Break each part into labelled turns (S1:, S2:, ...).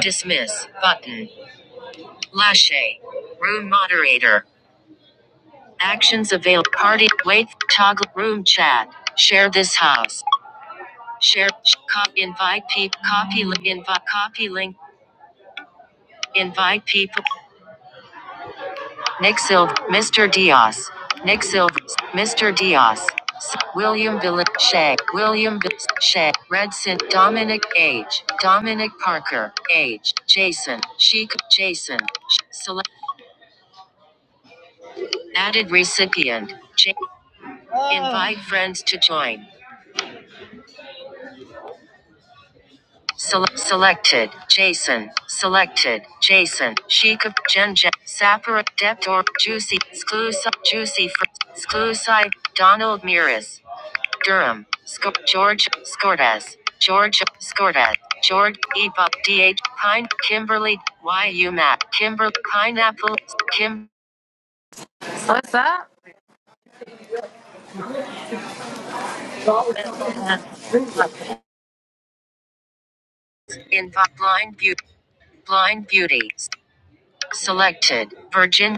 S1: Dismiss button. Lache. Room moderator. Actions availed. Party. Wait. Toggle. Room chat. Share this house. Share. co- invite people. Copy. invite. Copy link. Invite people. Nick Silv. Mr. Diaz. Nick Silv. Mr. Diaz. William Billet. Shay. William Billet. Shay. Redson. Dominic. Age. Dominic Parker. Age. Jason. Sheik. Jason. Select. Added recipient. J- Invite friends to join. Sele- selected. Jason. Selected. Jason. Sheikah. Jen Jen. Sapper. Deptor. Juicy. Exclusive. Juicy. Fr- Exclusive. Donald Muris. Durham. Sc- George. Scordes. George. Scordes. George. Ebup. DH. Pine. Kimberly. YU Matt. Kimber. Pineapple. Kim. Invite. Blind Beauty. Blind Beauty. Selected. Virgin.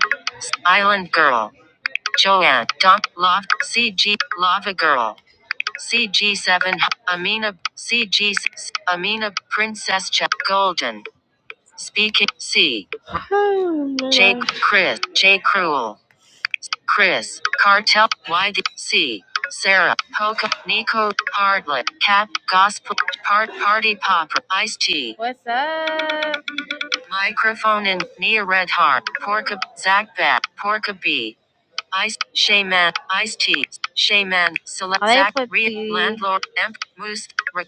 S1: Island Girl. Joanne, Dot, Love, CG, Lava Girl, CG7, Amina, CG, Amina, Princess Ch- Golden, Speaking, C. Oh, man. J. Chris, J. Cruel, Chris, Cartel, Y. The, C. Sarah, Poca, Nico, Hardlet, Cat, Gospel, Part, Party Popper, Ice Tea. What's up? Microphone and Nia Red Heart, Porka, Zach Bat, Porka B. Ice Shaman Ice Tea Shaman Select i Zach put Landlord Emp Moose Ra-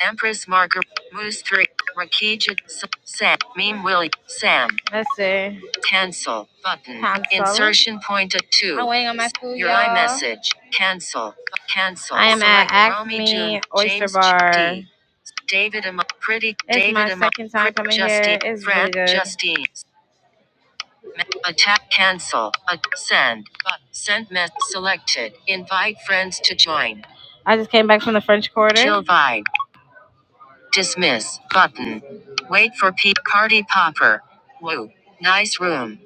S1: Empress Margaret Moose Three Rakija Sam Meme Willie Sam let's see. Cancel button Cancel. Insertion point at I'm two I'm waiting on my food, Your y'all. iMessage Cancel Cancel I am Select at Select June Oyster James Bar. G D David Am Pretty It's David my Am second time coming Justine here. It's really good. Justine Attack cancel. A- send. But send mess selected. Invite friends to join. I just came back from the French Quarter. Chill vibe. Dismiss button. Wait for P party popper. Woo. Nice room.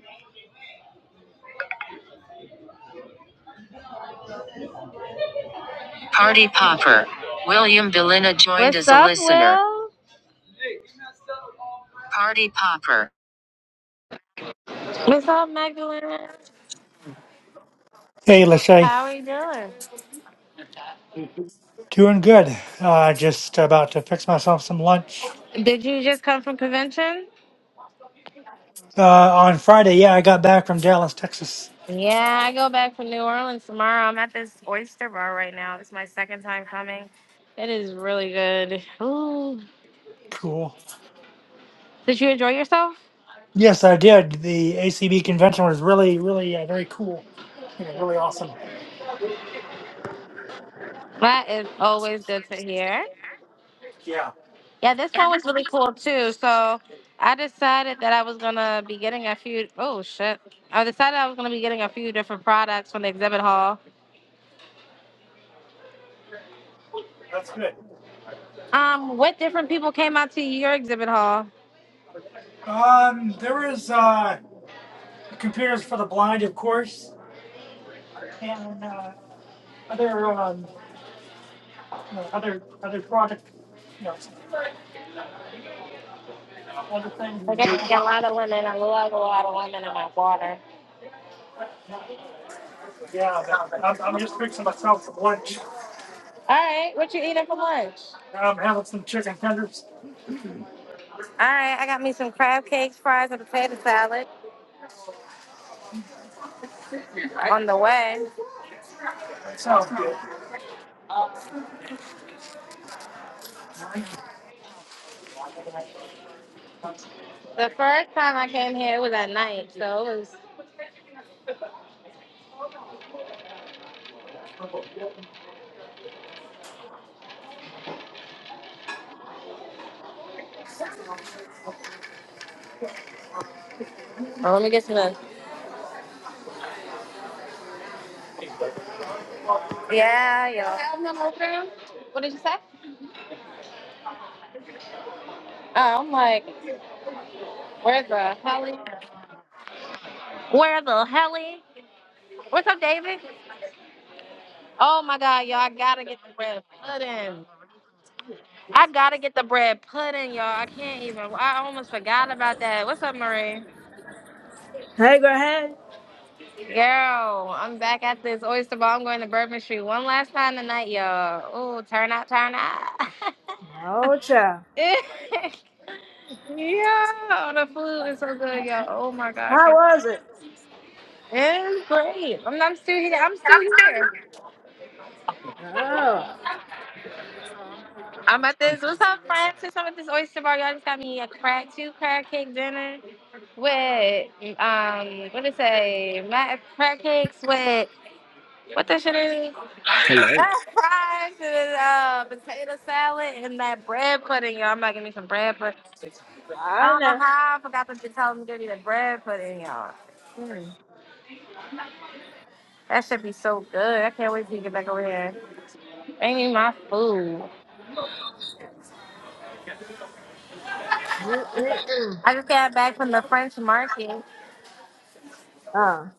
S1: Party popper. William Belina joined What's as a up, listener. Will? Party popper. What's up, Magdalena?
S2: Hey, Lachey.
S1: How are you doing?
S2: Doing good. Uh, just about to fix myself some lunch.
S1: Did you just come from convention?
S2: Uh, on Friday, yeah, I got back from Dallas, Texas.
S1: Yeah, I go back from New Orleans tomorrow. I'm at this oyster bar right now. It's my second time coming. It is really good. Ooh.
S2: Cool.
S1: Did you enjoy yourself?
S2: Yes, I did. The ACB convention was really, really, uh, very cool. Yeah, really awesome.
S1: That is always good to hear.
S2: Yeah,
S1: Yeah, this one was really cool too. So I decided that I was gonna be getting a few oh shit. I decided I was gonna be getting a few different products from the exhibit hall.
S2: that's good.
S1: Um, what different people came out to your exhibit hall?
S2: Um, there was uh, computers for the blind, of course, and uh, other, um, you know, other, other product, you know, other things
S1: I
S2: as
S1: guess
S2: well.
S1: a lot of women. I love a lot of women in my water.
S2: Yeah, but I'm, I'm just fixing myself some lunch.
S1: All right, what you eating for lunch?
S2: I'm having some chicken tenders.
S1: All right, I got me some crab cakes, fries, and potato salad on the way.
S2: That sounds good.
S1: The first time I came here, it was at night, so it was. Oh, let me get some. of this. Yeah, yeah. What did you say? Oh, I'm like, where the hell? is- Where the hell? is- What's up, David? Oh my God, y'all! I gotta get the bread pudding. I gotta get the bread pudding, y'all. I can't even. I almost forgot about that. What's up, Marie?
S3: Hey, go ahead.
S1: Girl, I'm back at this oyster bar. I'm going to Bourbon Street one last time tonight, y'all. Ooh, turn out, turn out.
S3: No, child.
S1: yeah, the food is so good, y'all. Oh my god,
S3: How
S1: okay.
S3: was it?
S1: it's great. I'm, I'm still here. I'm still here.
S3: Oh,
S1: I'm at this. What's up, Francis? I'm at this oyster bar. Y'all just got me a crack two crack cake dinner with um, what did it say? Matt crack cakes with what the shit is?
S4: Hello
S1: That fries and uh, potato salad and that bread pudding, y'all. I'm about to give me some bread pudding. I
S3: I
S1: don't
S3: know.
S1: know how I forgot to tell me to give me the bread pudding, y'all. Mm. That should be so good. I can't wait to get back over here. They need my food.
S3: Mm-mm-mm.
S1: I just got back from the French market.
S3: Oh,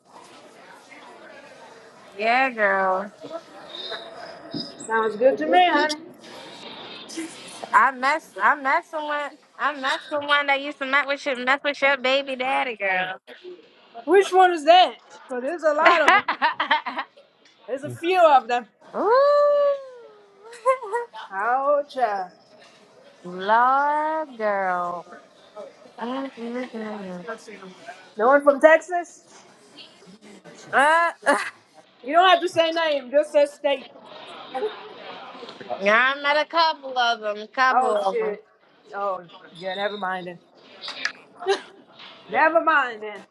S1: Yeah, girl.
S3: sounds good to me, honey.
S1: I mess. I mess with. one- I mess with one that used to mess with your mess with your baby daddy, girl.
S3: Which one is that? Because there's a lot of them. There's a few of them.
S1: Ooh.
S3: Oh, child.
S1: Lord, girl. Uh,
S3: No one from Texas? You don't have to say name, just say state.
S1: yeah, I met a couple of them. Couple
S3: Oh,
S1: of them.
S3: shit. Oh, yeah, never mind then. Never mind then.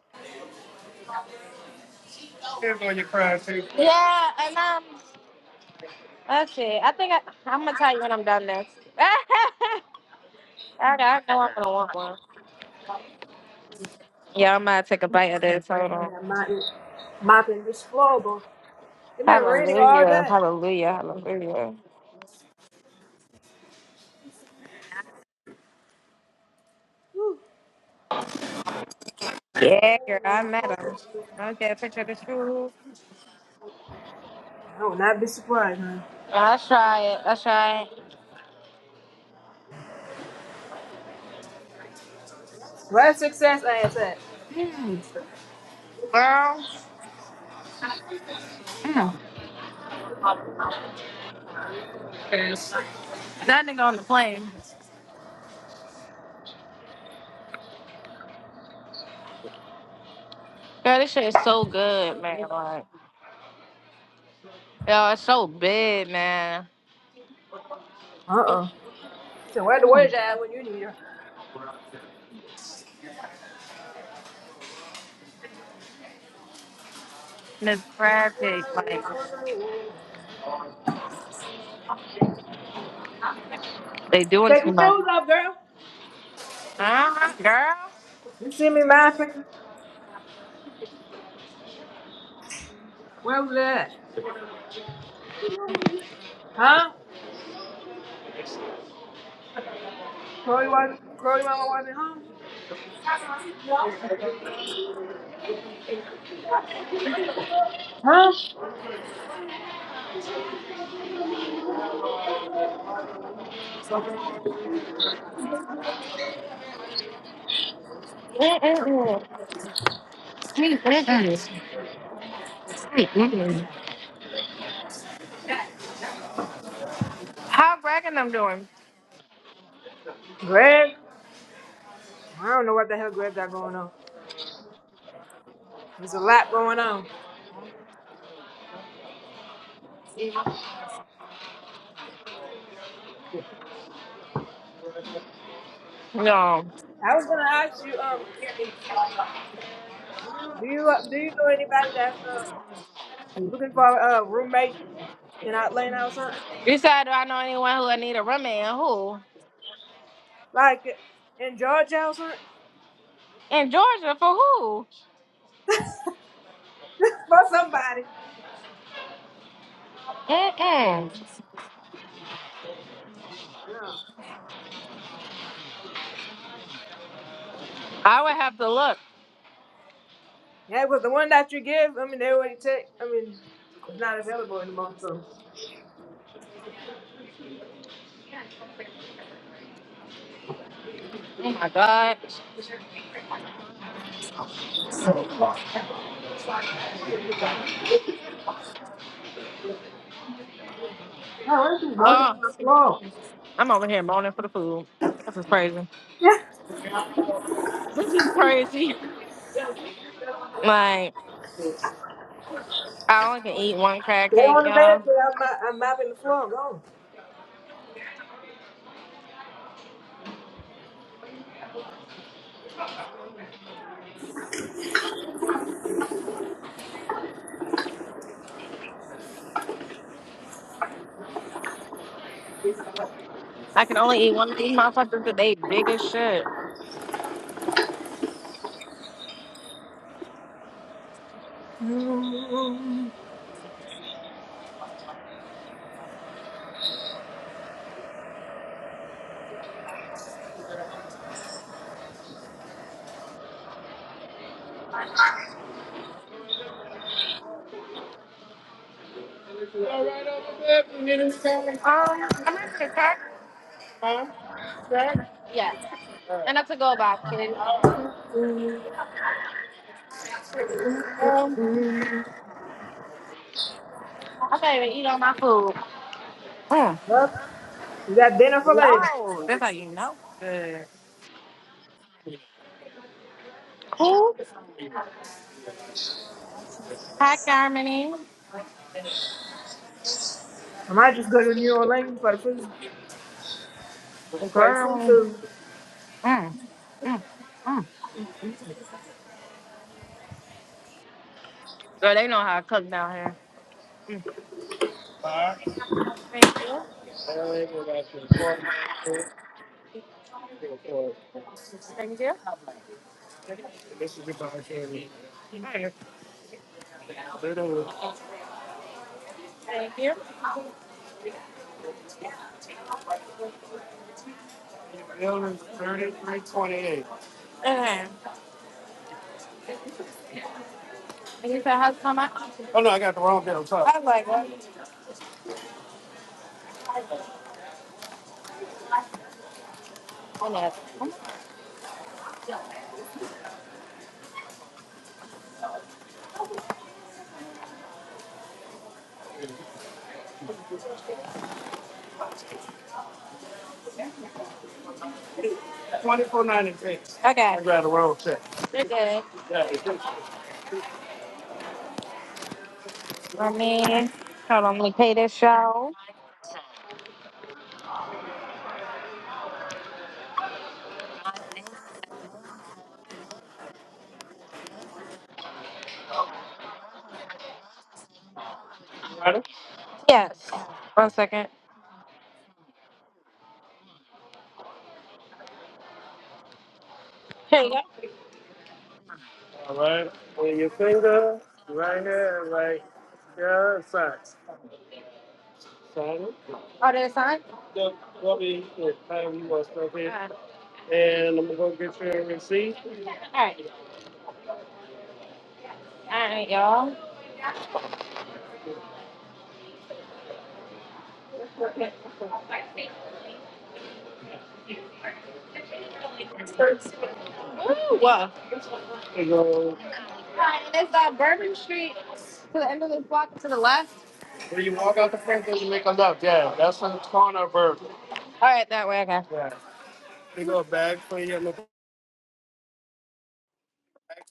S1: Careful, you cry too. Yeah, and um, let's see. I think I, I'm gonna tell you when I'm done next. I I know I'm gonna want one. Yeah, I'm gonna take a bite of this. Hold on.
S3: Oh, I'm mopping, mopping this floor, boy. It's been raining all
S1: Hallelujah,
S3: day.
S1: hallelujah, hallelujah. Yeah, girl, I met him. I get a picture of the shoes.
S3: I would not be surprised, huh?
S1: I'll try it. I'll try it.
S3: Where's success ass at?
S1: Girl, girl, this shit is so good, man. Like, yo, it's so big, man.
S3: Uh-uh. So where the words at when you need her?
S1: Miss tragic. Like they doing
S3: Take
S1: too
S3: your
S1: much.
S3: shoes off, girl.
S1: Uh-huh, girl.
S3: You see me mind picking? Where was that? Huh? Chloe was Chloe mama wasn't home? Huh?
S1: Mm-mm-mm. How Rackingham doing?
S3: Greg? I don't know what the hell Greg got going on. There's a lot going on.
S1: No.
S3: I was gonna ask you, um, do you uh, do you know anybody that's uh looking for a uh, roommate in Atlanta or something?
S1: You said, do I know anyone who would need a roommate? Who?
S3: Like in Georgia or something?
S1: In Georgia for who?
S3: for somebody.
S1: Mm-mm. I would have to look.
S3: Yeah, because the one that you give, I mean, they already take. I mean, it's not available anymore. So.
S1: Oh my God.
S3: Oh, this is walking
S1: Oh,
S3: on the floor.
S1: I'm over here moaning for the food. This is crazy.
S3: Yeah.
S1: This is crazy. Like, I only can eat one crab
S3: They
S1: cake,
S3: on the bed,
S1: y'all.
S3: so I'm, mop- I'm mopping the floor. Go.
S1: I can only eat one of these motherfuckers, but they big as shit. All right, over there. You need anything? Um, I'm not gonna text. Huh? Text? Yeah, Right. and that's a go back, kid. Um, I can't even eat all my food. Mm.
S3: Well, we got dinner for later.
S1: No, that's how you know. Good. Cool. Hi, Carmony.
S3: I might just go to New Orleans for the food, for the
S1: Girl.
S3: seafood.
S1: Mm. Mm. Girl, they know how to cook down here. Mm. Bye. Thank you. Well, Thank you. This is your body, Thank you. Building 3328. Okay. And you said, how's how come I? Oh no, I got the wrong bill. Sorry. I was like, what? I know. 2496. Okay. I got the wrong check. You're good. Yeah, it's just- I mean, hold on, let me pay this show. Ready? Yes. One second. Here you go. All right. With your finger right here, and right here, side. Side. Oh, there's sign? Go, go be, yeah, time you want to and I'm gonna go get you a receipt All right, all right, y'all. Woo! and go. All right, it's uh, Bourbon Street to the end of this block to the left. When you walk out the front door, you make a left. Yeah, that's on the corner of Bourbon. All right, that way, okay. Yeah. You go back for your little.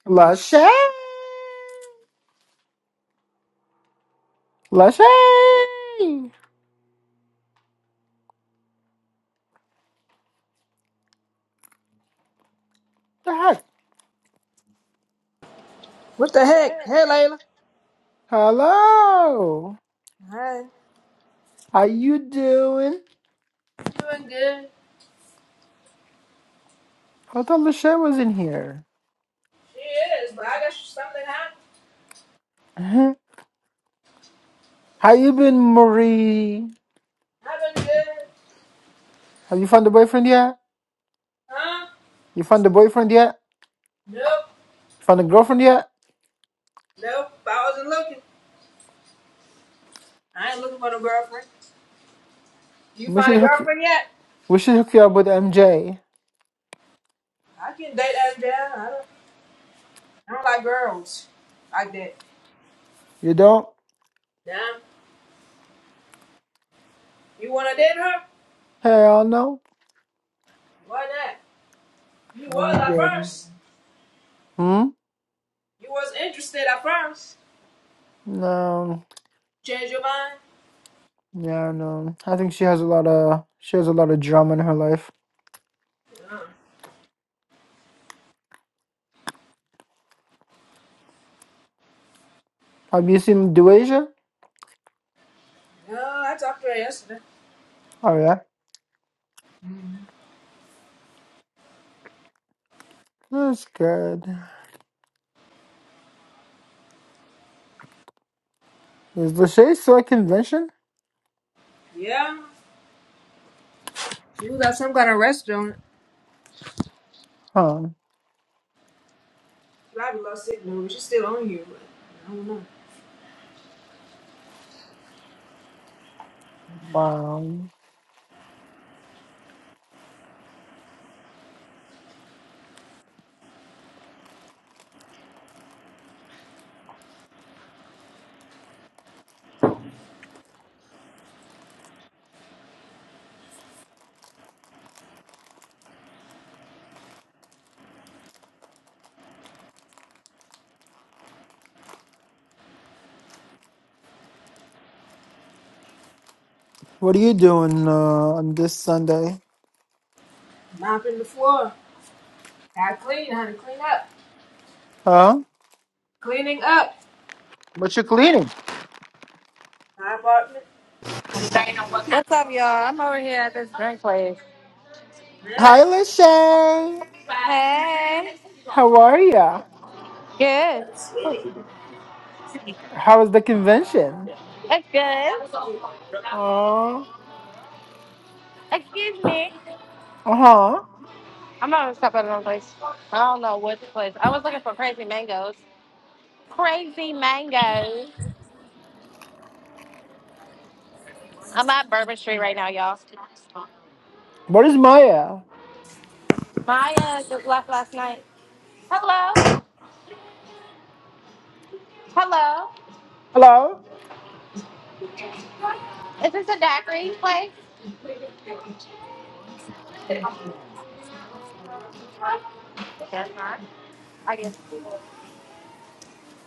S5: Lachey! Lachey! The heck?
S3: What the heck? Hey, Layla.
S5: Hello!
S3: Hi.
S5: How you doing?
S3: Doing good.
S5: I thought Lachey was in here.
S3: She is, but I got something hot.
S5: Uh-huh. How you been, Marie?
S3: I been good.
S5: Have you found a boyfriend yet?
S3: Huh?
S5: You found a boyfriend yet?
S3: Nope.
S5: Found a girlfriend yet?
S3: Nope. I wasn't looking. I ain't looking for no girlfriend. You
S5: We
S3: find
S5: should
S3: a
S5: hook
S3: girlfriend yet?
S5: we should hook you up with MJ.
S3: I can not date as down. I don't, I don't like girls like that.
S5: You don't?
S3: Damn, you wanna date her?
S5: Hell no.
S3: Why not? You was
S5: I'm
S3: at
S5: good.
S3: first.
S5: Hmm?
S3: You was interested at first.
S5: No.
S3: Change your mind?
S5: Yeah, no. I think she has a lot of she has a lot of drama in her life.
S3: Uh,
S5: Have you seen Duasia?
S3: no, I talked to her yesterday.
S5: Oh yeah? That's good. Is Lachey still at convention?
S3: Yeah, she was at some kind of restaurant.
S5: Huh.
S3: She probably lost signal, but she's still on you. I don't know.
S5: Wow. What are you doing uh, on this Sunday?
S3: Mopping the floor. I clean, honey. Clean up.
S5: Huh?
S3: Cleaning up.
S5: What you cleaning?
S3: My apartment.
S1: What's up, y'all? I'm over here at this drink place.
S5: Hi,
S3: Yeah,
S5: Lachey.
S1: Hey.
S5: How are ya?
S1: Good.
S3: sweetie.
S5: How was the convention?
S1: That's good.
S5: Uh
S1: Excuse me.
S5: huh.
S1: I'm gonna stop at another place. I don't know what the place. I was looking for crazy mangoes. Crazy mangoes. I'm at Bourbon Street right now, y'all.
S5: Where is Maya?
S1: Maya just left last night. Hello. Hello.
S5: Hello.
S1: Is this a daiquiri place? Yes, ma'am. I guess.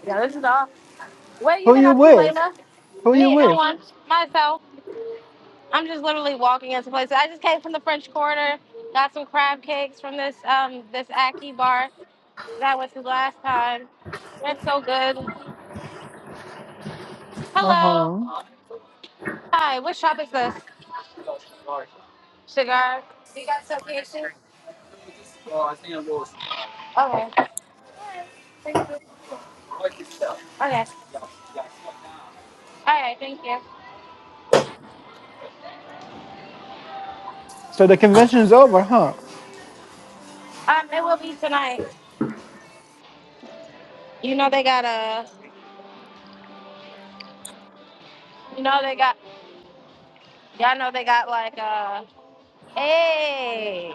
S1: Yeah, this is all. What have you
S5: Who
S1: been
S5: you
S1: up to,
S5: with?
S1: Layla?
S5: Who you
S1: Me, no
S5: with?
S1: one. Myself. I'm just literally walking into places. I just came from the French Quarter. Got some crab cakes from this um this Aki bar that I went to last time. That's so good.
S5: Uh
S1: Hello.
S5: huh.
S1: Hi. What shop is this? Cigar. You got some patience? Okay. Thank you. Okay. All right. Thank you.
S5: So the convention's over, huh?
S1: Um, it will be tonight. You know they got a. You know they got. Y'all know they got like a. Hey.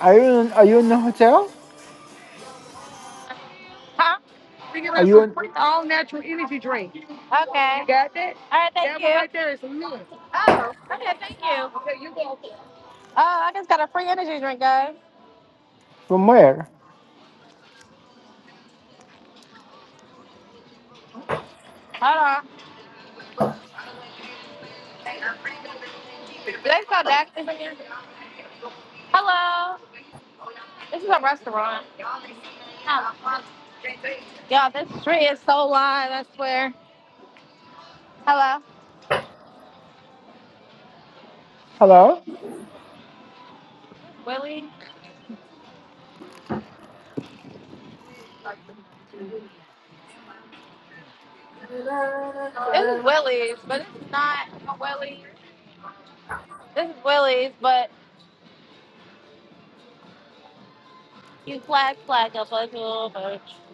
S5: Are you in, are you in the hotel?
S1: Huh?
S5: Are you in,
S1: Okay. All right. Thank you. right Oh. Okay. Thank you. Oh, I just got a free energy drink, guys.
S5: from where?
S1: Hold on. Do they sell Daxton from here? Hello. This is a restaurant. Y'all, this street is so lined. I swear. Hello.
S5: Hello.
S3: Da, da, da,
S1: This is
S3: da,
S1: Willie's, but this is not a Willie's. This is Willie's, but you flag flag up like a little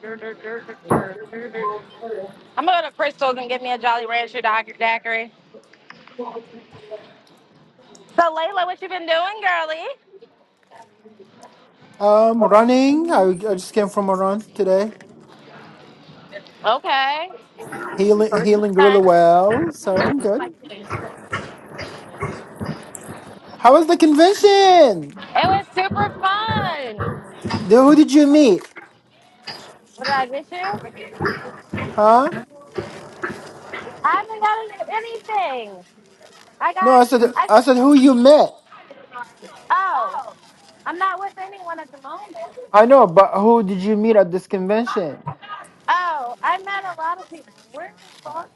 S1: bitch.
S3: da.
S1: I'm gonna go to Crystal's and get me a Jolly Rancher daiquiri. So Layla, what you been doing, girlie?
S5: Um, running. I, I just came from a run today.
S1: Okay.
S5: Healing, healing
S1: Okay.
S5: really well, so I'm good. How was the convention?
S1: It was super fun.
S5: Then who did you meet?
S1: What did I miss you?
S5: Huh?
S1: I haven't gotten anything. I
S5: No,
S1: got
S5: I said,
S1: I
S5: I said who you met.
S1: oh, I'm not with anyone at the moment.
S5: I know, but who did you meet at this convention?
S1: Oh, I met a lot of people. Where the fuck?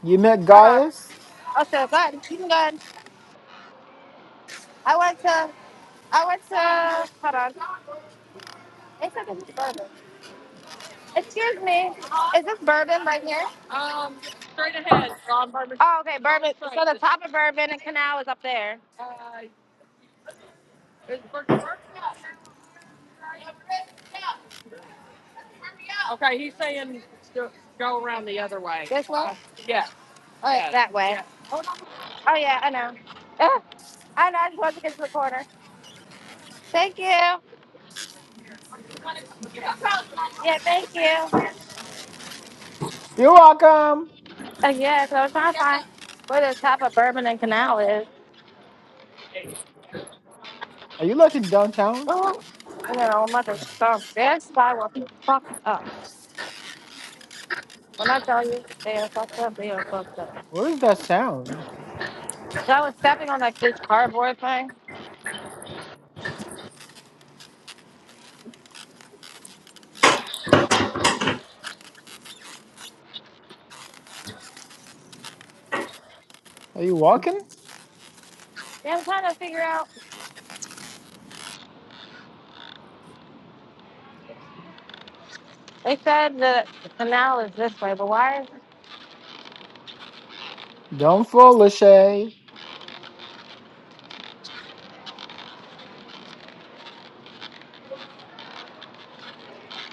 S5: You met
S1: Hold on.
S5: Goddess.
S1: Oh so go ahead. You can go ahead. I went to I went to hold on. It's like a bourbon. Excuse me. Is this bourbon right here? Oh, okay. Papa Bourbon and Canal is up there. This way? Oh, Oh, yeah, that way. oh yeah, I know. Ah, I know. I just wanted to get to the corner. Thank you. Yeah, thank you.
S5: You're welcome.
S1: Uh, yeah, so I was trying to find where the top of Bourbon and Canal is.
S5: Are you like in downtown?
S1: Oh, you know, mother stump. That's why we're fucked up. When I tell you they are fucked up, they are fucked up.
S5: Where is that sound?
S1: So I was stepping on like this cardboard thing.
S5: Are you walking?
S1: Yeah, I'm trying to figure out. They said that the canal is this way, but why? Is,
S5: Don't fool, Lachey.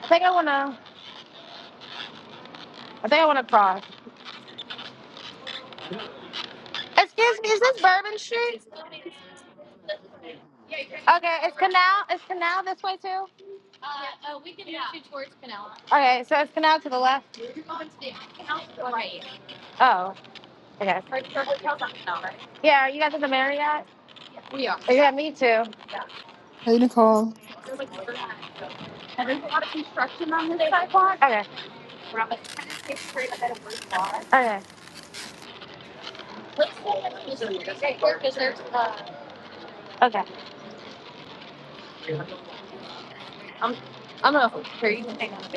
S1: I think I wanna. I think I wanna cross. Excuse me, is this Bourbon Street? Okay, is Canal is Canal this way too? Okay, so it's Canal to the left. Oh, okay. Yeah, you guys at the Marriott? Yeah, me too.
S5: Hey, Nicole.
S1: Okay, okay, okay,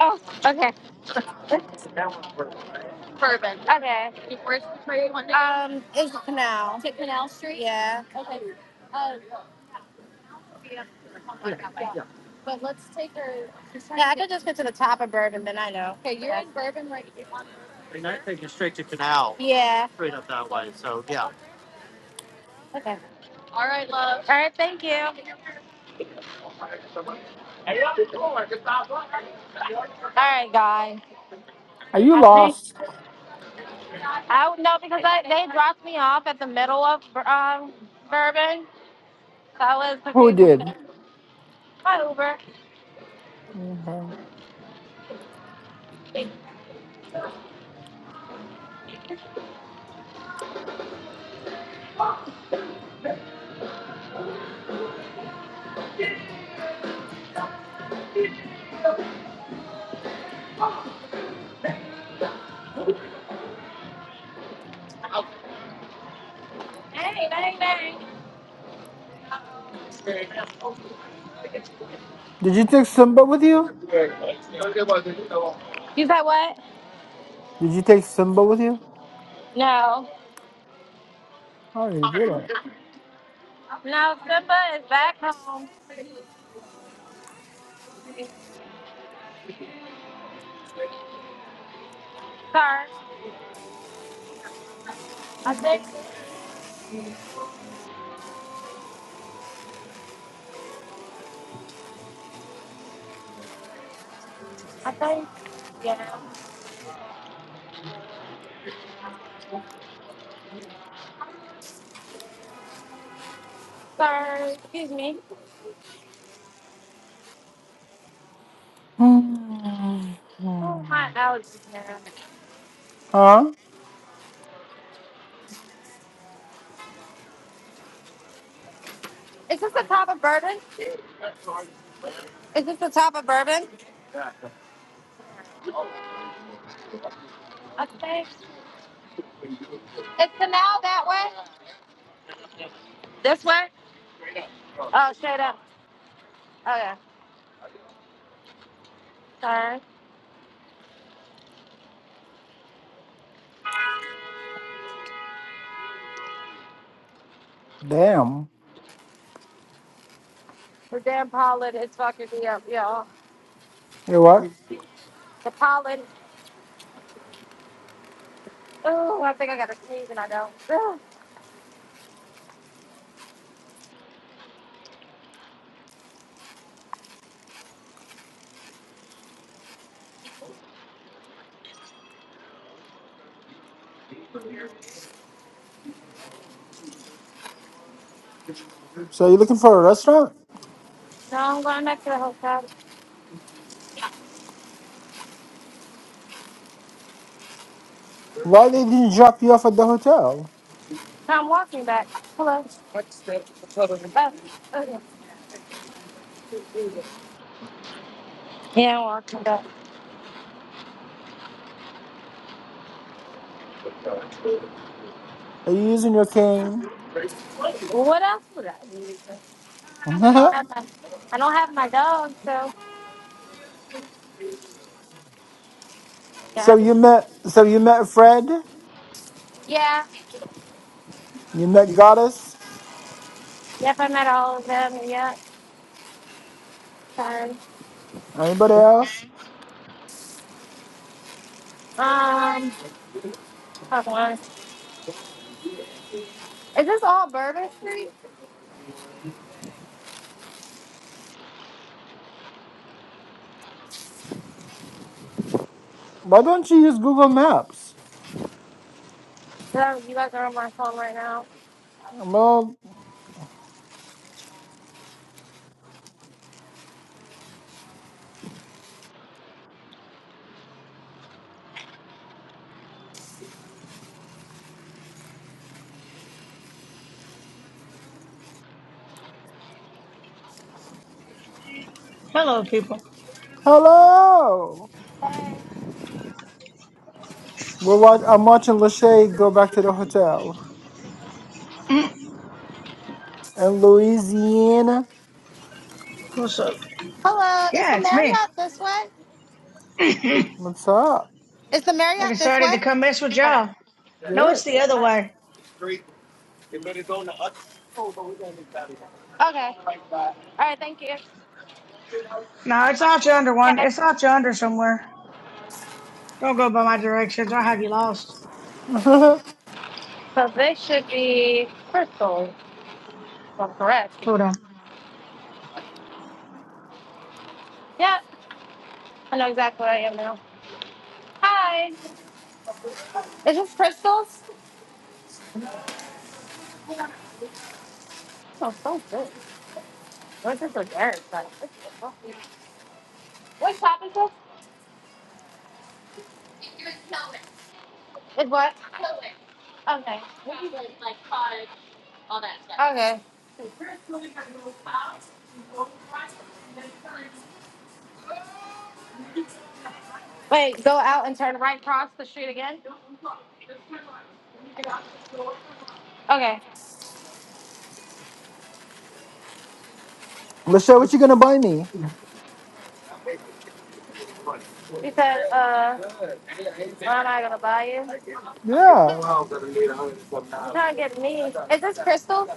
S1: oh, okay, okay. Um, it's Canal. Yeah, just get to the top of Bourbon, then I know. They might take it now, Yeah. Straight up that way. So yeah. Okay. All right, thank you. All right, guys.
S5: Are you
S1: I think
S5: lost?
S1: I no, because I, they dropped me off at the middle of um Bourbon, so I was
S5: Who
S1: confused.
S5: did?
S1: Hi, Uber.
S5: Okay.
S1: Hey, bang, bang.
S5: Did you take Simba with you?
S1: You said what?
S5: Did you take Simba with you?
S1: No.
S5: Oh, you didn't.
S1: No, Simba is back home. Sir. I think, I think, yeah. Sir, excuse me.
S5: Hmm.
S1: Oh,
S5: Hmm.
S1: my allergies now.
S5: Huh?
S1: Is this the top of bourbon? Is this the top of bourbon? I think. It's canal that way? This way? Oh, straight up. Oh, yeah. Sorry.
S5: Damn.
S1: The damn pollen is fucking me up, y'all.
S5: You know what?
S1: The pollen. Ooh, I think I got a sneeze and I don't. Ugh.
S5: So you're looking for a restaurant?
S1: No, I'm going back to the hotel.
S5: Why they didn't drop you off at the hotel?
S1: No, I'm walking back. Hello. Oh. okay. Yeah, walking walk my dog.
S5: Are you using your cane?
S1: Well, What else would I? I don't have my, I don't have my dog, so yeah,
S5: so you
S1: I-
S5: met so you met Fred?
S1: yeah,
S5: You met Goddess?
S1: yep, I met all of them. Yeah, sorry.
S5: Anybody else?
S1: Um, hold on. Is this all Bourbon Street?
S5: Why don't you use Google Maps?
S1: No, you guys are on my phone right now.
S5: Well
S6: Hello, people.
S5: hello. We're watch- I'm watching Lachey go back to the hotel. In Louisiana.
S6: What's up?
S1: Hello, is
S6: Yeah,
S1: the
S6: it's me.
S1: Marriott this way?
S5: What's up?
S1: Is the
S6: I
S1: Marriott this
S6: decided
S1: way?
S6: to come mess with
S1: Okay,
S6: y'all. No,
S5: Good.
S6: it's the other
S1: okay,
S6: way.
S1: okay. All right, thank you.
S6: No, it's out yonder one.
S1: Okay,
S6: It's out yonder somewhere. Don't go by my directions. I'll have you lost.
S5: Lachey,
S1: so this should be Crystal. Well, correct.
S6: Hold on.
S1: Yeah, I know exactly where I am now. Hi. Is this Crystal's? Oh, so good. What's this with Eric? Like, what the fuck? what's happening? It's what? Okay. Okay. Wait, go out and turn right across the street again? Okay.
S5: what you gonna buy me?
S1: He said, uh, why am I gonna buy you? He's
S5: Yeah.
S1: trying to get me. Is this Crystal?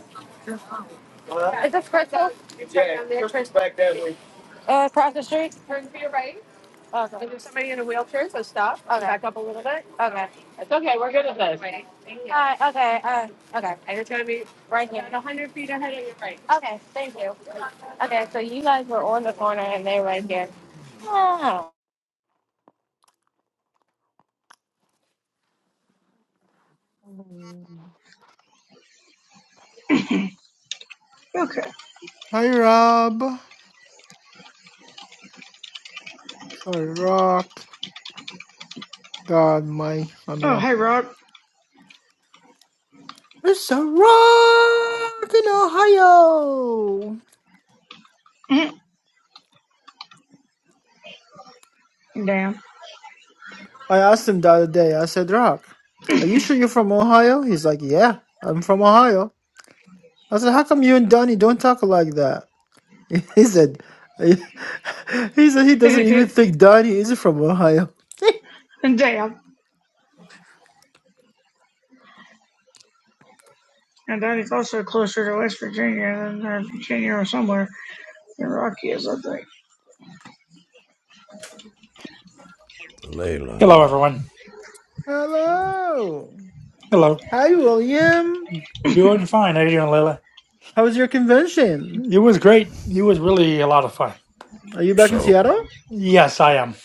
S1: Is this Crystal? Yeah. Uh, across the street? Turn to your right. Awesome. Okay. Alright, okay, uh, okay. And it's gonna be right here. A hundred feet ahead. Okay, thank you. Okay, so you guys were on the corner and they're right here. Oh.
S6: Okay.
S5: Hi Rob. The rock God my
S6: Oh,
S5: Hannah.
S6: hey, Rob.
S5: It's a rock in Ohio.
S6: Damn.
S5: I asked him the other day, I said, Rock, are you sure you're from Ohio? He's like, Yeah, I'm from Ohio. I said, How come you and Donnie don't talk like that? He said he said he doesn't even think Donnie is from Ohio.
S6: Damn. And Danny's also closer to West Virginia than uh, Virginia or somewhere in Rocky is, I think.
S2: Hello,
S7: Layla.
S2: everyone.
S5: Hello.
S2: Hello.
S5: Hi William.
S2: Doing fine. How you doing, Layla?
S5: How was your convention?
S2: It was great. It was really a lot of fun.
S5: Are you back in
S7: So,
S5: Seattle?
S2: Yes, I am.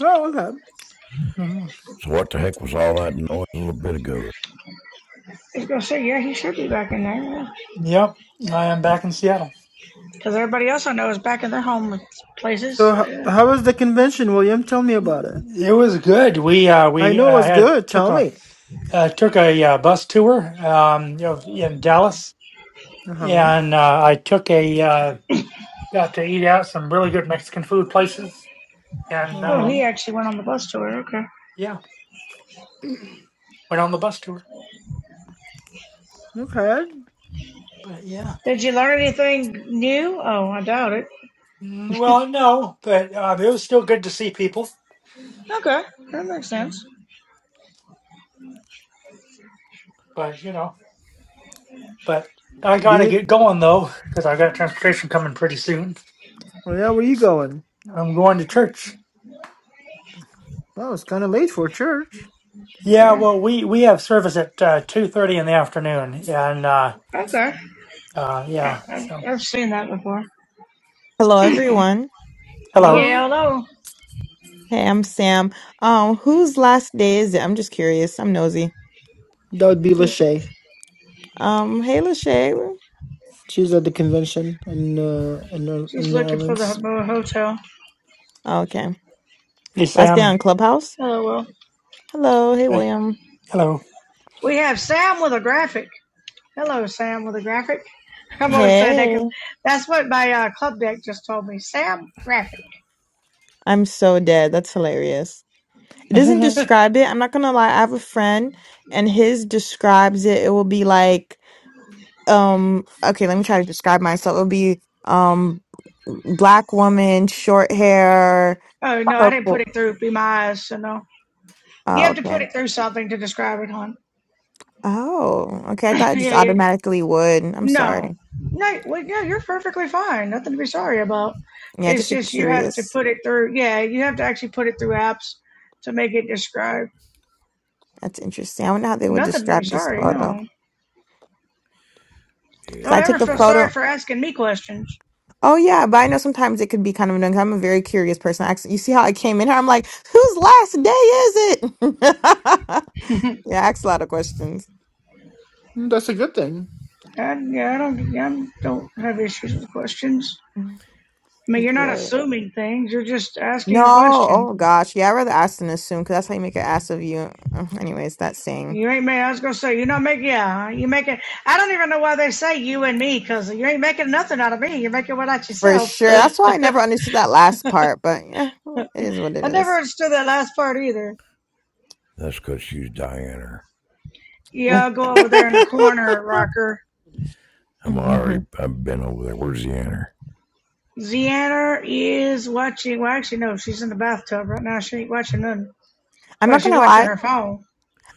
S5: Oh, okay.
S2: Mhm.
S7: so what the heck was all that noise a little bit ago?
S6: I was gonna say, yeah, he should be back in there,
S2: Yep, I am back in Seattle.
S6: because yeah. everybody else I know is back in their home places.
S5: So,
S6: So,
S5: h-
S6: Yeah.
S5: how was the convention, William? Tell me about it.
S2: It was good. We uh,
S5: I
S2: we uh,
S5: know it was
S2: had
S5: good.
S2: took
S5: Tell
S2: a
S5: me.
S2: uh, took a uh, bus tour um, of, in Dallas,
S5: Uh huh.
S2: and uh, I took a uh, got to eat out some really good Mexican food places, and
S5: Uh
S6: Oh,
S2: uh,
S5: huh.
S6: he actually went on the bus tour. Okay.
S2: yeah, went on the bus tour.
S5: Okay.
S2: But yeah,
S6: Did you learn anything new? Oh, I doubt it.
S2: Mm, well, no, but uh, it was still good to see people.
S6: Okay, that makes sense.
S2: But you know, but I
S5: Do
S2: gotta
S5: you?
S2: get going though, because I got transportation coming pretty soon.
S5: well, Yeah. Where you going?
S2: I'm going to church.
S5: Well, it's kind of late for church.
S2: Yeah,
S6: Yeah.
S2: well, we we have service at uh, two thirty in the afternoon, and uh,
S6: Okay,
S2: uh,
S6: I,
S2: yeah.
S6: I,
S2: So,
S6: have seen that before.
S8: Hello, everyone.
S2: hello,
S5: No.
S6: yeah, hello.
S8: Hey, I'm Sam. Um, whose last day is it? I'm just curious. I'm nosy.
S5: That would be
S6: Who's,
S5: Lachey.
S8: Um, hey, Lachey.
S5: She's at the convention in uh, in, New-
S6: she's
S5: in New
S6: looking for the
S5: Orleans.
S6: hotel.
S8: Oh, Okay.
S2: hey
S8: Last day on
S2: Sam.
S8: Clubhouse.
S6: Hello, Will.
S8: Hello. Hey,
S2: Hey,
S8: William.
S2: hello.
S6: We have Sam with a graphic. Hello, Sam with a graphic. I'm only saying that
S8: Hey.
S6: 'cause that's what my uh, club deck just told me. Sam graphic.
S8: I'm so dead. That's hilarious. It doesn't describe it. I'm not gonna lie. I have a friend, and his describes it. It will be like, um, okay. Let me try to describe myself. It will be, um, black woman, short hair,
S6: Oh no, I didn't put
S8: purple.
S6: it through. Be my eyes, so no. You have
S8: Oh,
S6: to put
S8: okay.
S6: it through something to describe it on.
S8: Oh, okay. I thought it just
S6: yeah, yeah,
S8: automatically would. I'm
S6: No,
S8: sorry.
S6: no, well, yeah, you're perfectly fine. Nothing to be sorry about.
S8: Yeah,
S6: It's
S8: just like,
S6: just you have to
S8: curious.
S6: put it through. Yeah, you have to actually put it through apps to make it describe.
S8: That's interesting. I wonder how they would
S6: Nothing to be
S8: describe this
S6: sorry.
S8: photo.
S6: No,
S8: Because
S6: don't
S8: I took
S6: ever
S7: Is
S8: the
S6: feel
S7: uh,
S6: sorry
S8: photo.
S6: for asking me questions.
S8: Oh, yeah, but I know sometimes it could be kind of annoying. 'cause I'm a very curious person. I Actually, you see how I came in here? I'm like, whose last day is it? yeah, I ask a lot of questions.
S5: That's a good thing.
S6: I, yeah, I don't. Yeah, I don't have issues with questions. I mean, you're not
S8: Great.
S6: assuming things. You're just
S8: No,
S6: asking a question.
S8: oh gosh. Yeah, I'd rather ask than assume because that's how you make an ass of you. Uh, Anyways, that saying
S6: You ain't made. I was gonna say you're not making. Yeah, you making. I don't even know why they say you and me because you ain't making nothing out of me. You're making one out
S8: for
S6: yourself.
S8: sure. That's why I never understood that last part, but yeah, it is what it
S6: I
S8: is.
S6: never understood that last part either.
S7: that's because she's Diana.
S6: Yeah, I'll go over there in the corner, Rocker.
S7: I'm already.
S8: Mhm.
S7: I've been over there. Where's the Deanna?
S6: Zianna is watching. Well, actually, no, she's in the bathtub right now. She ain't watching nothing.
S8: I'm
S6: Well,
S8: not
S6: she's
S8: gonna
S6: watching
S8: lie.
S6: her phone.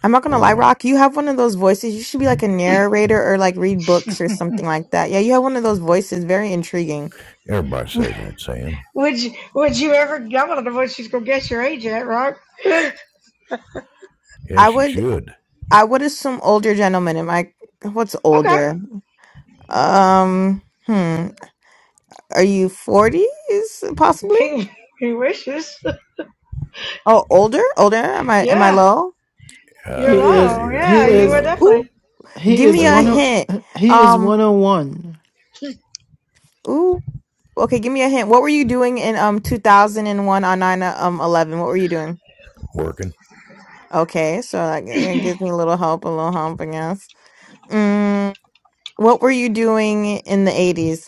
S8: I'm not gonna
S7: Oh
S8: lie,
S7: well.
S8: Rock. You have one of those voices. You should be like a narrator or like read books or something like that. Yeah, you have one of those voices. Very intriguing.
S7: Everybody says that, Sam.
S6: Would you, would you ever? I want to know what she's gonna guess your age at, Rock. okay,
S7: Yeah,
S8: I
S7: she
S8: would
S7: should.
S8: I would assume older gentlemen. Am I what's older? Um hmm. Are you forties possibly?
S6: he, he wishes.
S8: Oh, older? Older? Am I am I
S6: Yeah,
S8: low?
S6: you're
S7: Uh,
S5: he
S7: yeah,
S5: is.
S6: low.
S7: here.
S5: He
S6: Yeah,
S7: Way
S6: you are
S5: is.
S7: low.
S8: Ooh.
S6: definitely
S5: He
S8: Give
S5: is
S8: me
S7: Way
S8: a
S5: one. o-
S7: low.
S8: hint.
S5: He is
S8: Um
S5: one hundred one.
S8: ooh. Okay, give me a hint. What were you doing in um two thousand and one on nine uh, um eleven? What were you doing?
S7: Working.
S8: Okay, so that g- it gives me a little hope, a little hump, I guess. Mm, what were you doing in the 80s?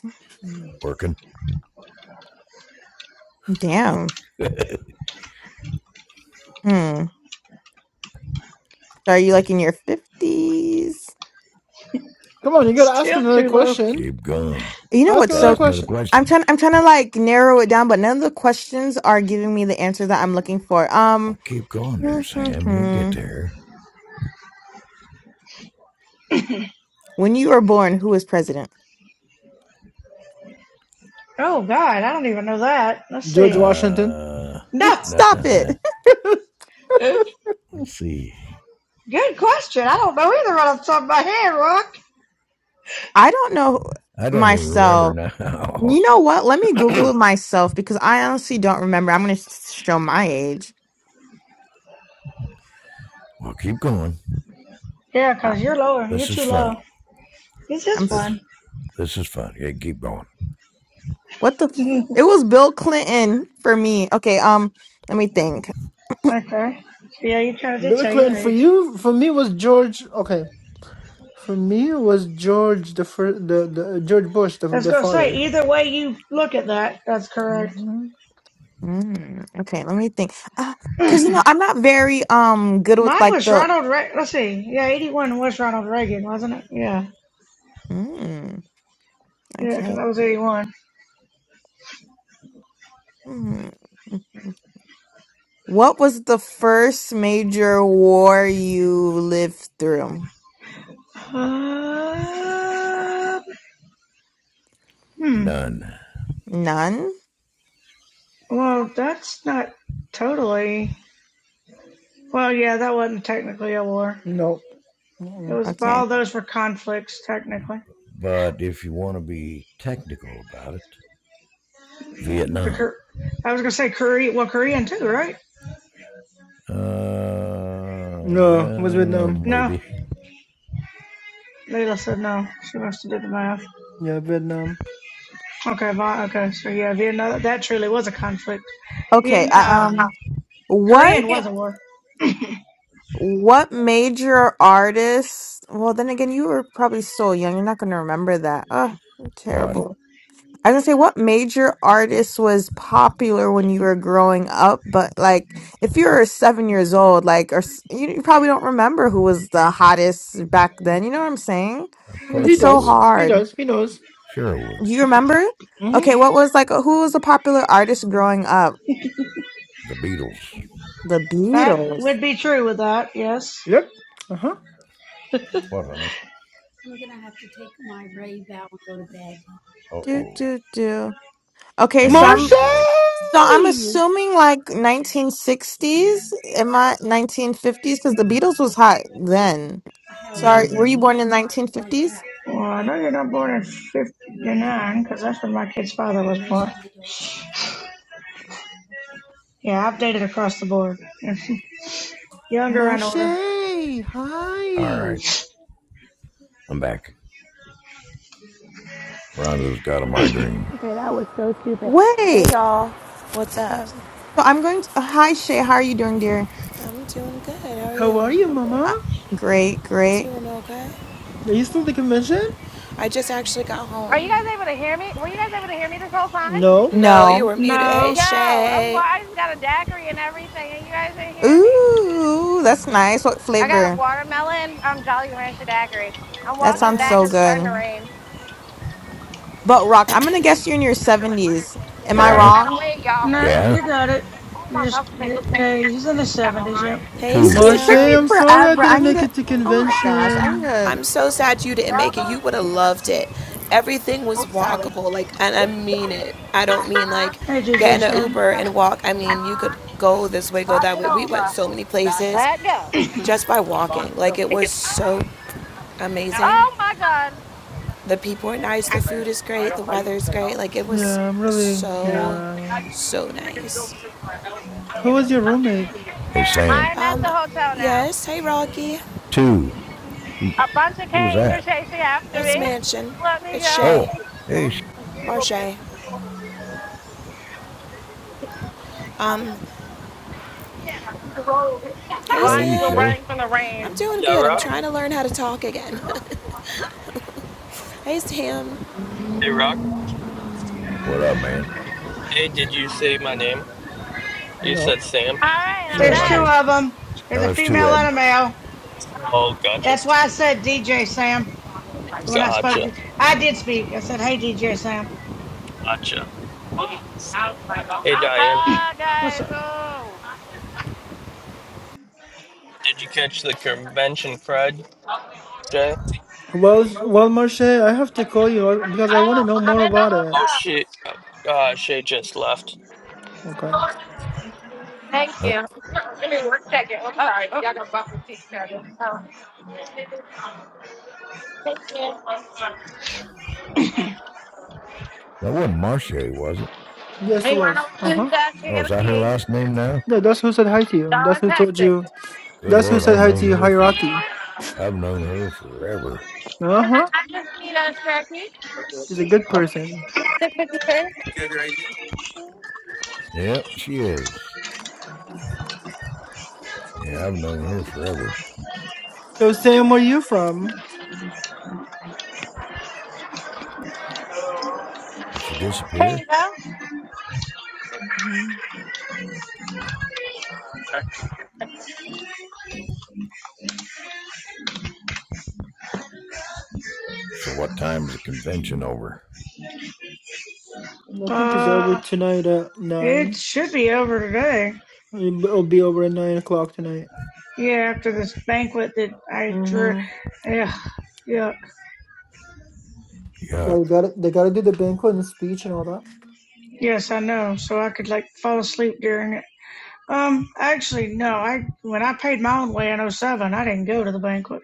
S7: Working.
S8: Damn. Hmm. So are you like in your 50s?
S5: Come on, you gotta ask him
S6: still
S5: another
S6: too low.
S5: question.
S7: Keep going.
S8: You know
S5: Ask him
S8: what's
S7: Got to
S5: another
S8: so
S7: ask another
S8: c-
S5: question.
S8: I'm
S7: question.
S8: trying I'm trying to like narrow it down, but none of the questions are giving me the answer that I'm looking for.
S7: Well,
S8: Um,
S7: keep going there, Sam. You'll get
S8: when
S7: there.
S8: you were born, who was president?
S6: Oh God, I don't even know that. Let's
S5: George
S6: see.
S5: Washington.
S7: Uh,
S6: No,
S8: Stop
S7: nah.
S8: it.
S7: Let's see.
S6: good question. I don't know either right off the top of my head, Rock.
S8: I don't know
S7: I don't even remember
S8: myself. You
S7: now.
S8: know what? Let me Google it myself because I honestly don't remember. I'm going to show my age.
S7: Well, keep going.
S6: Yeah, cause you're lower. You're
S7: This is
S6: too
S7: fun.
S6: low. It's
S8: I'm
S6: just
S8: s-
S7: This
S6: fun.
S7: this is fun. Yeah, keep going.
S8: what the f-
S6: okay.
S8: it was Bill Clinton for me. Okay, um, let me think.
S6: Yeah, you kind of did
S5: Bill
S6: tell
S5: Clinton
S6: your
S5: for
S6: age.
S5: you, for me was George. Okay, for me it was George the first, the, the George Bush the
S6: I was
S5: the
S6: gonna say
S5: father.
S6: either way you look at that, that's correct.
S5: hmm
S8: Mm, okay, let me think. Uh, cause you know
S6: Mine
S8: I'm not very um good with like
S6: was
S8: the.
S6: Ronald. Re- Let's see. Yeah, eighty-one was Ronald Reagan, wasn't it? Yeah.
S8: Mm,
S6: Yeah, because
S8: okay.
S6: I was eighty-one.
S8: Mm. What was the first major war you lived through?
S6: Um, hmm.
S7: None.
S8: None.
S6: Well, that's not totally. Well, yeah, that wasn't technically a war.
S5: No,
S6: It
S5: Mm-mm.
S6: was
S8: Okay.
S6: all those were conflicts technically.
S7: But if you want to be technical about it,
S6: The
S7: Vietnam.
S6: Kor- I was gonna say Korea. Well, Korean too, right?
S7: Uh,
S5: no, it was
S7: well,
S5: Vietnam.
S6: No,
S7: maybe.
S6: Layla said no. She must have did the math.
S5: Yeah, Vietnam.
S6: Okay, Vi- okay, so yeah, Vietnam. That truly was a conflict.
S8: Okay.
S6: Vietnam, uh,
S8: uh,
S5: hmm
S8: Um. What?
S6: Korean
S8: Yeah.
S6: was a war.
S8: What major artist? Well, then again, you were probably so young. You're not gonna remember that. Oh,
S7: What?
S8: terrible. I was gonna say, what major artist was popular when you were growing up? But like, if you're seven years old, like, or s- you, you probably don't remember who was the hottest back then. You know what I'm saying?
S7: Of
S5: Well, he
S7: course
S8: It's
S7: I
S8: so
S5: does.
S7: would.
S5: He
S8: hard.
S5: does. He knows.
S7: Sure I would.
S8: You remember?
S5: hmm
S8: Okay, what was like? Who was a popular artist growing up?
S7: The Beatles.
S8: The
S6: That
S8: Beatles.
S6: would be true with that, yes.
S5: Yep. Uh huh.
S7: What, honey? Uh
S8: Do
S7: oh.
S8: do do. Okay,
S7: Hang
S8: so
S7: on,
S8: I'm
S7: you guys.
S8: So I'm
S5: Marseille.
S8: assuming like 1960s, am I 1950s?
S7: You
S8: Because the
S7: didn't have a
S8: Beatles was hot
S7: migraine, did you?
S8: then. Sorry, were you
S5: hmm
S8: born in 1950s?
S6: Well, I know you're not born in '59 because that's when my kid's father was born.
S7: No.
S6: Yeah, I've dated across the board, younger and older.
S5: Marseille.
S7: All
S5: Hi.
S7: right. I'm back. Rhonda's got a migraine.
S9: Okay, that was so stupid. Hey
S8: Wait.
S9: y'all, what's up?
S8: So I'm going to. Hi Shay, how are you doing, dear?
S9: I'm doing good. How are
S5: How
S9: you?
S5: are
S6: That's
S5: you,
S6: my
S5: Mama?
S6: bad.
S8: Uh, great, great.
S9: doing okay.
S5: Are you still at the convention?
S9: I just actually got
S1: Are you guys
S9: home.
S1: able to hear me? Were you guys able to hear me this whole time?
S5: No.
S9: No, you
S8: No.
S9: were muted. Hey,
S6: No,
S1: Yo, I'm
S9: Shay.
S1: well, I just got a daiquiri and everything, and you guys didn't hear me.
S8: Ooh, that's nice. What
S1: I got a
S8: flavor?
S1: watermelon, um, Jolly Rancher daiquiri. I'm
S8: That
S1: walking
S8: sounds
S1: back
S8: so
S1: because
S9: What?
S1: it's starting to
S8: good.
S1: rain.
S8: But Rock, I'm gonna guess you're in your 70s. Am I
S1: Sorry.
S7: Yeah?
S1: Gotta
S8: wrong?
S1: wait, y'all. Hold
S6: no,
S1: on.
S7: Yeah?
S6: you got it. You just, yeah, he's in his 70s. Yep.
S9: Hey,
S8: You
S7: Two.
S8: see, it took me
S5: Marseille,
S9: Sam.
S5: I'm sorry I
S8: forever. I
S5: didn't
S8: need
S5: make
S8: a.
S5: it to
S8: Oh my gosh, I
S5: convention.
S8: need a.
S9: I'm so sad you didn't make it. You would have loved it. Everything was walkable. Like, and I mean it. I don't mean like
S6: Hey,
S9: get
S6: GJ,
S9: in an
S6: son.
S9: Uber and walk. I mean, you could go this way, go that way. We went so many places
S1: Let go.
S9: just by walking. Like, it was so amazing.
S1: Oh my God.
S9: The people are nice. The food is great. The weather is great. Like it was
S5: Yeah, I'm really,
S9: so,
S5: yeah.
S9: so nice.
S5: Who was your roommate?
S7: Hey, Sam.
S1: I'm at the
S9: Um,
S1: hotel now.
S9: yes. Hey, Rocky.
S7: Two. Who,
S1: A bunch of
S7: who was
S1: canes
S7: that?
S1: are chasing after
S9: It's
S1: me.
S9: Mansion.
S1: Let me
S9: It's
S1: go.
S9: Shay.
S7: Oh, hey,
S9: Marche. Um, hey,
S7: how are
S1: Blind
S7: you,
S1: people
S9: Sam.
S7: Shay?
S1: running from the rain.
S9: I'm doing
S10: Yeah,
S9: good. I'm
S10: Rock.
S9: trying to learn how to talk again. hey, Sam.
S10: Hey, Rock.
S7: What up, man?
S10: Hey, did you say my name? You
S5: No,
S10: said
S1: All
S10: Sam.
S1: right, I'm
S7: Say
S6: There's
S5: no.
S7: my
S1: back.
S6: two
S7: name.
S6: of them. There's
S7: No,
S6: a
S7: there's two
S6: female
S7: of
S6: and
S7: them.
S6: a male.
S10: Oh, gotcha.
S6: That's why I said DJ Sam when I spoke to
S10: Gotcha.
S6: you. I did speak. I said, "Hey, DJ Sam,
S10: Gotcha. Hey, Diane.
S6: what's up?"
S10: Did you catch the convention crud, Shay?
S5: Well, well, Marche, I have to call you uh, because I want to know more about it.
S10: Oh, she, uh, uh, Shay just left.
S5: Okay.
S7: I don't,
S1: Oh, sorry. Oh. Y'all gotta go. Oh.
S7: That wasn't Marche, was it?
S5: Yes, it
S1: Hey, run over
S5: was.
S1: to
S5: Uh
S1: the
S5: huh.
S1: desk and
S7: Oh,
S1: get
S7: is
S1: a
S7: that her
S1: key.
S7: last name now?
S5: Yeah, that's who said hi to you.
S1: Y'all
S5: That's
S1: is
S5: who told
S1: hectic.
S5: you.
S7: Good
S5: That's who
S7: Lord,
S5: said
S7: I've
S5: hi to
S7: known
S5: you,
S7: her for,
S5: hierarchy.
S7: I've known her forever.
S5: Uh huh.
S1: Nina Strachey.
S5: She's a good person.
S1: six fifty-three. There You don't distract me.
S7: Yep, she is. Yeah, I've known her forever.
S5: So, Sam, where are you from?
S7: Did she
S1: 653. There you
S7: disappear?
S1: go.
S5: hmm
S7: So what time's the convention over?
S5: I think it's over
S6: Uh,
S5: tonight at
S6: it
S5: nine.
S6: should be over today.
S5: It'll be over at nine o'clock tonight.
S6: Yeah, after this banquet that I drew.
S5: Mm-hmm.
S6: Yeah, yeah,
S7: Yuck.
S5: They gotta, they gotta do the banquet and the speech and all that.
S6: yes, I know. So I could like fall asleep during it. Um, actually, no. I when I paid my own way in oh 07, I didn't go to the banquet.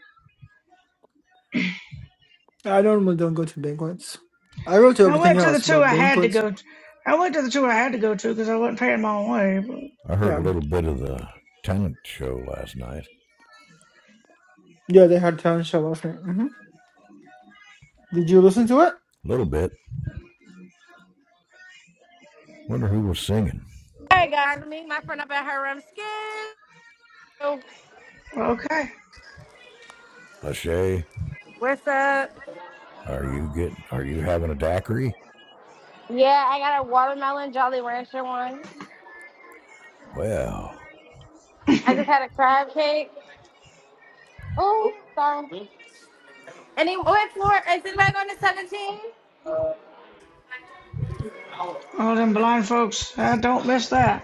S5: I normally don't go to banquets. I go to
S6: I
S5: everything
S6: went to the
S5: else,
S6: two
S5: but
S6: I had to
S5: banquets.
S6: go. To. I went to the two I had to go to because I wasn't paying my own way.
S7: I heard a
S5: Yeah,
S7: little bit of the talent show last night.
S5: yeah, they had talent show last night. hmm Did you listen to it?
S7: A little bit. Wonder who was singing.
S1: Hey guys, me my friend up at her room. Skin.
S6: But, okay,
S7: Lachey,
S1: What's up?
S7: are you getting, are you having a daiquiri?
S1: Yeah, I got a watermelon Jolly Rancher one.
S7: Well,
S1: I just had a crab cake. Oh, sorry. Any what floor? Is it back on the 17?
S6: all them blind folks, I don't miss that.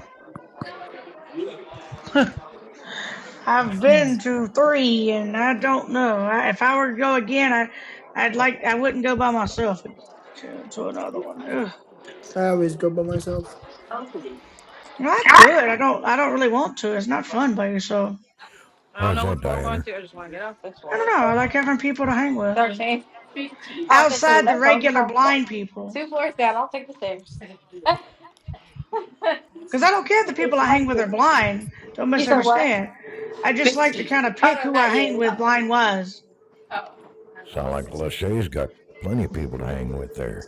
S6: I've been to three, and I don't know. I, if I were to go again, I, I'd like. I wouldn't go by myself to, to another one. Ugh.
S5: I always go by myself.
S6: Well, I could. I don't. I don't really want to. It's not fun by yourself.
S7: Why's that, Diana?
S6: I don't know. I like having people to hang with
S1: 13. Oh, fifteen. 15.
S6: outside the
S1: That's close
S6: regular
S1: enough.
S6: blind people.
S1: Two floors down. I'll take the stairs.
S6: Because I don't care if the people I hang with are blind. Don't
S1: you said what?
S6: misunderstand. I just like to kind of
S1: Oh
S6: pick
S1: no,
S6: who I
S1: not
S6: hang
S1: you.
S6: with blind wise.
S7: Sound like Lachey's got plenty of people to hang with there.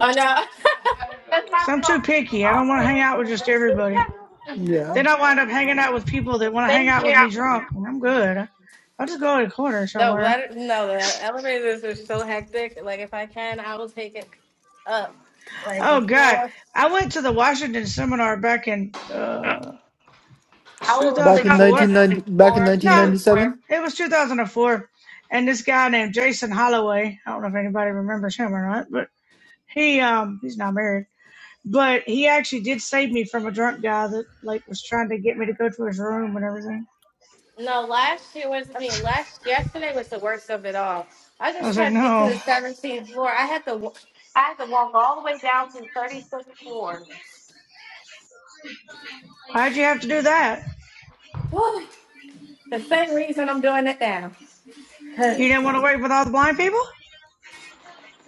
S1: Oh no. That's
S6: Because
S1: my
S6: I'm too picky. I don't want to hang out
S1: fault.
S6: with just everybody.
S5: Yeah,
S6: Then I wind up hanging out with people that want to hang
S1: Thank
S6: out
S1: you.
S6: with me drunk, and I'm good. I'll just go in a corner
S1: No,
S6: somewhere.
S1: let it, no, the elevators are so hectic. Like, if I can, I will take it up, like a
S6: Oh God,
S1: floor.
S6: I went to the Washington seminar back in uh,
S1: I will
S5: back
S1: literally
S5: in
S1: take
S5: nineteen
S1: it
S6: 2004.
S1: up a
S5: ninety, back in
S1: floor
S5: nineteen
S6: Nah,
S5: ninety
S1: two, floor.
S5: seven.
S6: it was 2004, and this guy named Jason Holloway. I don't know if anybody remembers him or not, but he um he's not married, but he actually did save me from a drunk guy that like was trying to get me to go to his room and everything.
S1: No, last year was. I mean, last yesterday was the worst of it all. I
S6: I
S1: just
S6: was like,
S1: tried to get to
S6: no,
S1: the 17th floor. I had to. wa- I had to walk all the way down to the 36th floor.
S6: why'd you have to do that?
S1: Whew. the same reason I'm doing it now. Cause
S6: You didn't want to wait with all the blind people?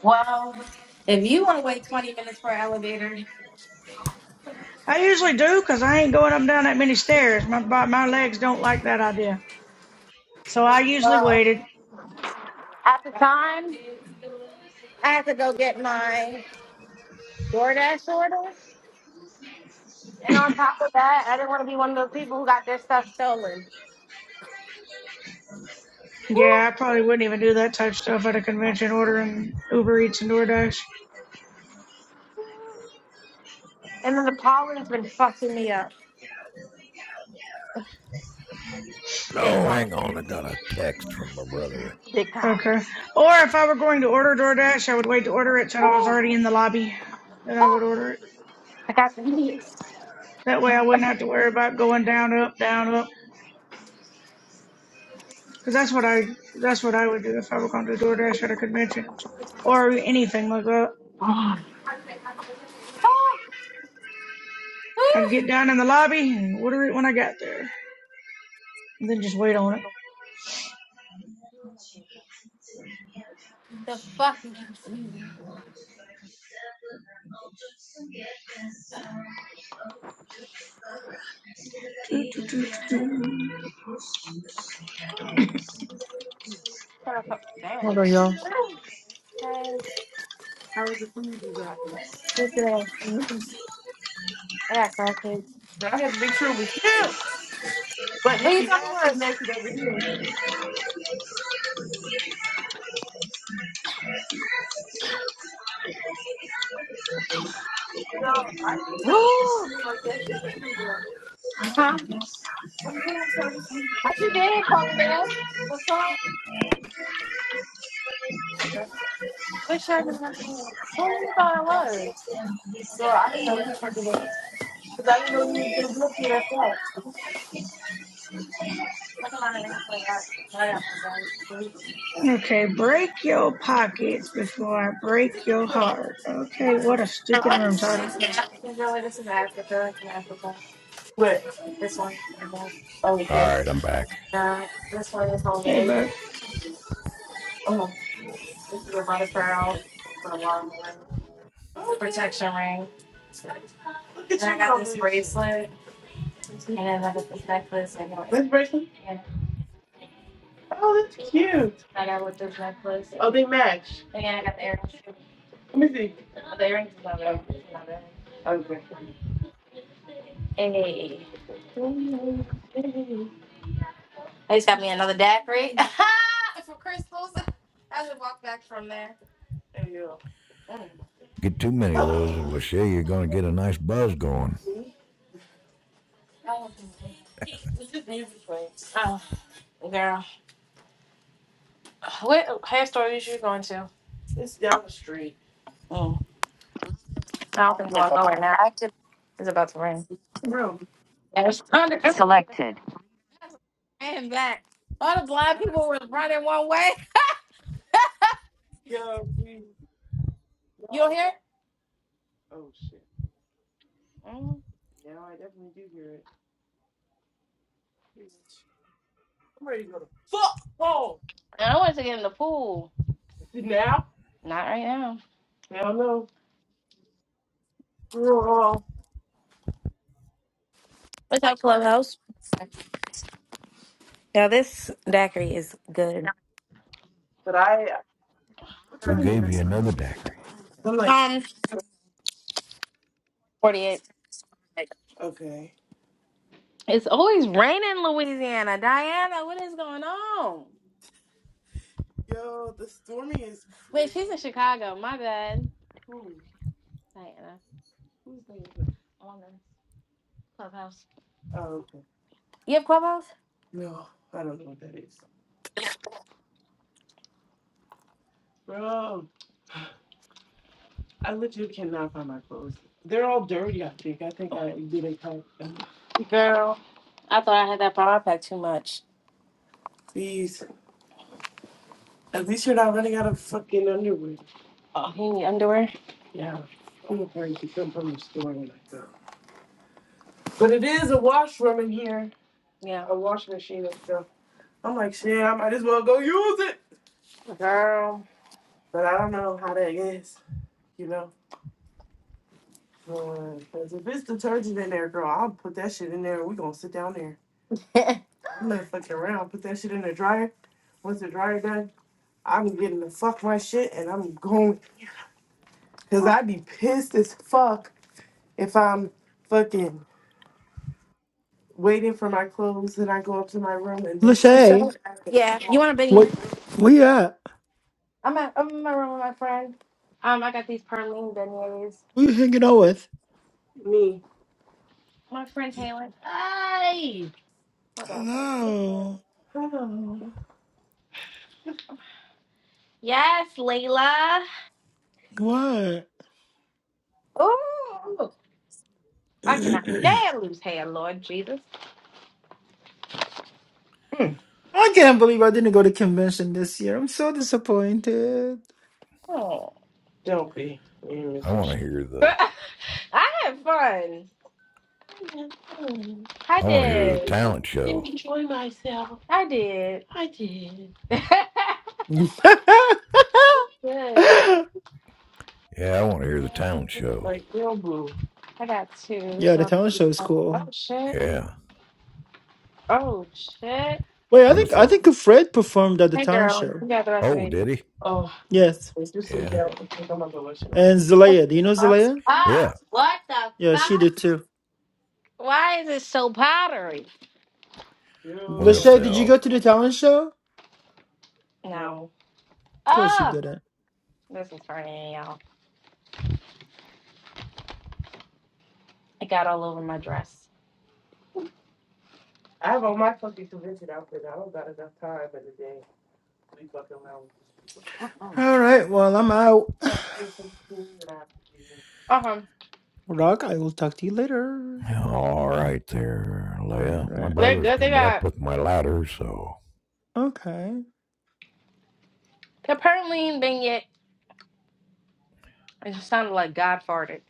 S1: well, if you want to wait 20 minutes for an elevator,
S6: I usually do because I ain't going up and down that many stairs. My my legs don't like that idea, so I usually
S1: well,
S6: waited.
S1: at the time. I had to go get my DoorDash order. And on top of that, I didn't want to be one of those people who got their stuff stolen. Woo!
S6: Yeah, I probably wouldn't even do that type of stuff at a convention, ordering Uber Eats and DoorDash.
S1: And then the pollen's been fucking me up.
S7: No,
S1: Big time.
S7: hang on. I got a text from my brother.
S1: Big time.
S6: Okay. Or if I were going to order DoorDash, I would wait to order it till I was already in the lobby. Then I would
S1: Oh,
S6: order it.
S1: I got the knees.
S6: That way, I wouldn't have to worry about going down, up, down, up. Because that's what I that's what I would do if I were going to DoorDash at a convention or anything like that.
S1: Oh,
S6: I'd get down in the lobby and order it when I got there, and then just wait on it.
S1: the fucking knees.
S5: Hold on, y'all.
S1: Hey, look at this. I got crackheads. What are you talking about? What you did, Colin? What's up? Which shirt is nothing new? Who you thought I was? Look at mine. I got
S6: Okay, break your pockets before I break your heart. Okay, what a stupid room title.
S1: Africa.
S7: All right, I'm back.
S1: This one is
S6: Hey,
S1: homemade.
S6: bud.
S1: Oh, this is a butter pearl. For a long one. protection ring. And I got this bracelet, and then I got this necklace. I got, This bracelet? Yeah. Oh, that's cute. I got with this necklace. Oh, they match. And I got the earrings. Let me see. Oh, The earrings is not bad. Hey. They just got me another daiquiri for crystals. I just walked back from there.
S7: Get too many of those, and Lachey, you're going to get a nice buzz going.
S1: Oh, girl. What hair store is you going to? It's down the street. I don't think we're going right now. It's about to rain. Bro, Selected. And back. All the blind people was running one way. You don't hear? Mm. Football. And I wanted to get in the pool. Now? Not right now. I don't know. Girl, What's up, Clubhouse? Now this daiquiri is good. But I,
S7: Who gave you another daiquiri?
S1: I'm like, Um, 48. okay. It's always raining in Louisiana. Diana, what is going on? Yo, the stormy is Wait, she's in Chicago. My bad. who? Diana. Who's that? Clubhouse. Oh, okay. You have Clubhouse? No, I don't know what that is. Bro, I legit cannot find my clothes. They're all dirty, I think. I think I didn't pack them. I thought I had that problem. I packed too much. Please, at least you're not running out of fucking underwear. You need underwear? Yeah. I'm afraid to come from the store and like that. But it is a washroom in here, Yeah. a wash machine and stuff. I'm like, shit, I might as well go use it. Girl. But I don't know how that is, you know? Because if it's detergent in there, girl, I'll put that shit in there. we going to sit down there. I'm not fucking around. Put that shit in the dryer. Once the dryer done, I'm getting to fuck my shit and I'm going. Because I'd be pissed as fuck if I'm fucking waiting for my clothes and I go up to my room and that shit.
S5: Lachey,
S1: Yeah, you want a beignet?
S5: what? Where you at?
S1: I'm at, I'm in my room with my friend. Um, I got these Perlene beignets.
S5: Who you hanging out with?
S1: My friend Taylor. Hold
S5: Hello.
S1: on. Oh. Yes, Layla.
S5: What?
S1: I cannot
S5: I
S1: stand loose hair, Lord Jesus.
S5: can't believe I didn't go to convention this year. I'm so disappointed.
S1: Don't be. You ain't
S7: I
S1: missing
S7: want to
S1: shit.
S7: hear the.
S1: I had fun. I
S7: I want to hear the
S1: did.
S7: talent show.
S1: I did.
S5: yeah,
S1: Good.
S7: Yeah, I want to hear the talent show.
S1: Like, yo, boo. I got two.
S5: the
S1: So,
S5: talent show is
S1: oh
S5: cool.
S1: shit.
S7: Yeah.
S1: Oh shit.
S5: Wait, I
S7: Wonder
S5: think
S7: if
S5: I
S7: they'll.
S5: think Fred performed at the
S1: Hey
S5: talent
S1: girl,
S5: show.
S1: you got the rest of
S7: Oh,
S1: me.
S7: did he?
S1: Oh,
S5: Yes,
S1: if you sit
S7: Yeah.
S1: down, I think I'm gonna go wash it up.
S5: and Zelaya. Do you know Zelaya?
S1: Ah,
S7: Yeah.
S1: what the
S5: Yeah,
S1: fuck?
S5: she did too.
S1: Why is it so powdery?
S7: Wonder if
S1: Yo.
S5: Lachey, did you go
S7: they'll.
S5: to the talent show? Of
S1: Nah.
S5: course you
S1: Oh,
S5: didn't.
S1: this is burning, y'all. It got all over my dress. I have on my fucking convention outfit. I don't got enough time in the day. We fucking around. with people. Uh-uh.
S5: All right. Well, I'm out.
S1: I have school for school and I have to do. Uh-huh.
S5: Rock, I will talk to you later.
S7: All right, there,
S5: All
S7: Leia. My
S5: right.
S1: They're
S7: brother's
S1: good. They
S7: coming up
S1: got
S7: with my ladder, so
S5: Okay.
S1: the Perline beignet. It just sounded like God farted.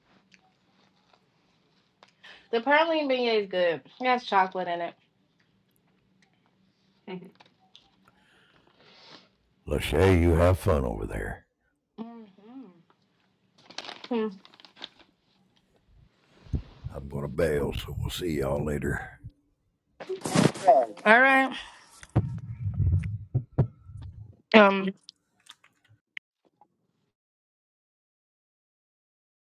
S1: The Perline beignet is good. It has chocolate in it.
S7: Lachey, you have fun over there.
S1: Mm-hmm.
S7: I'm going to bail, so we'll see y'all later.
S1: All right. Um.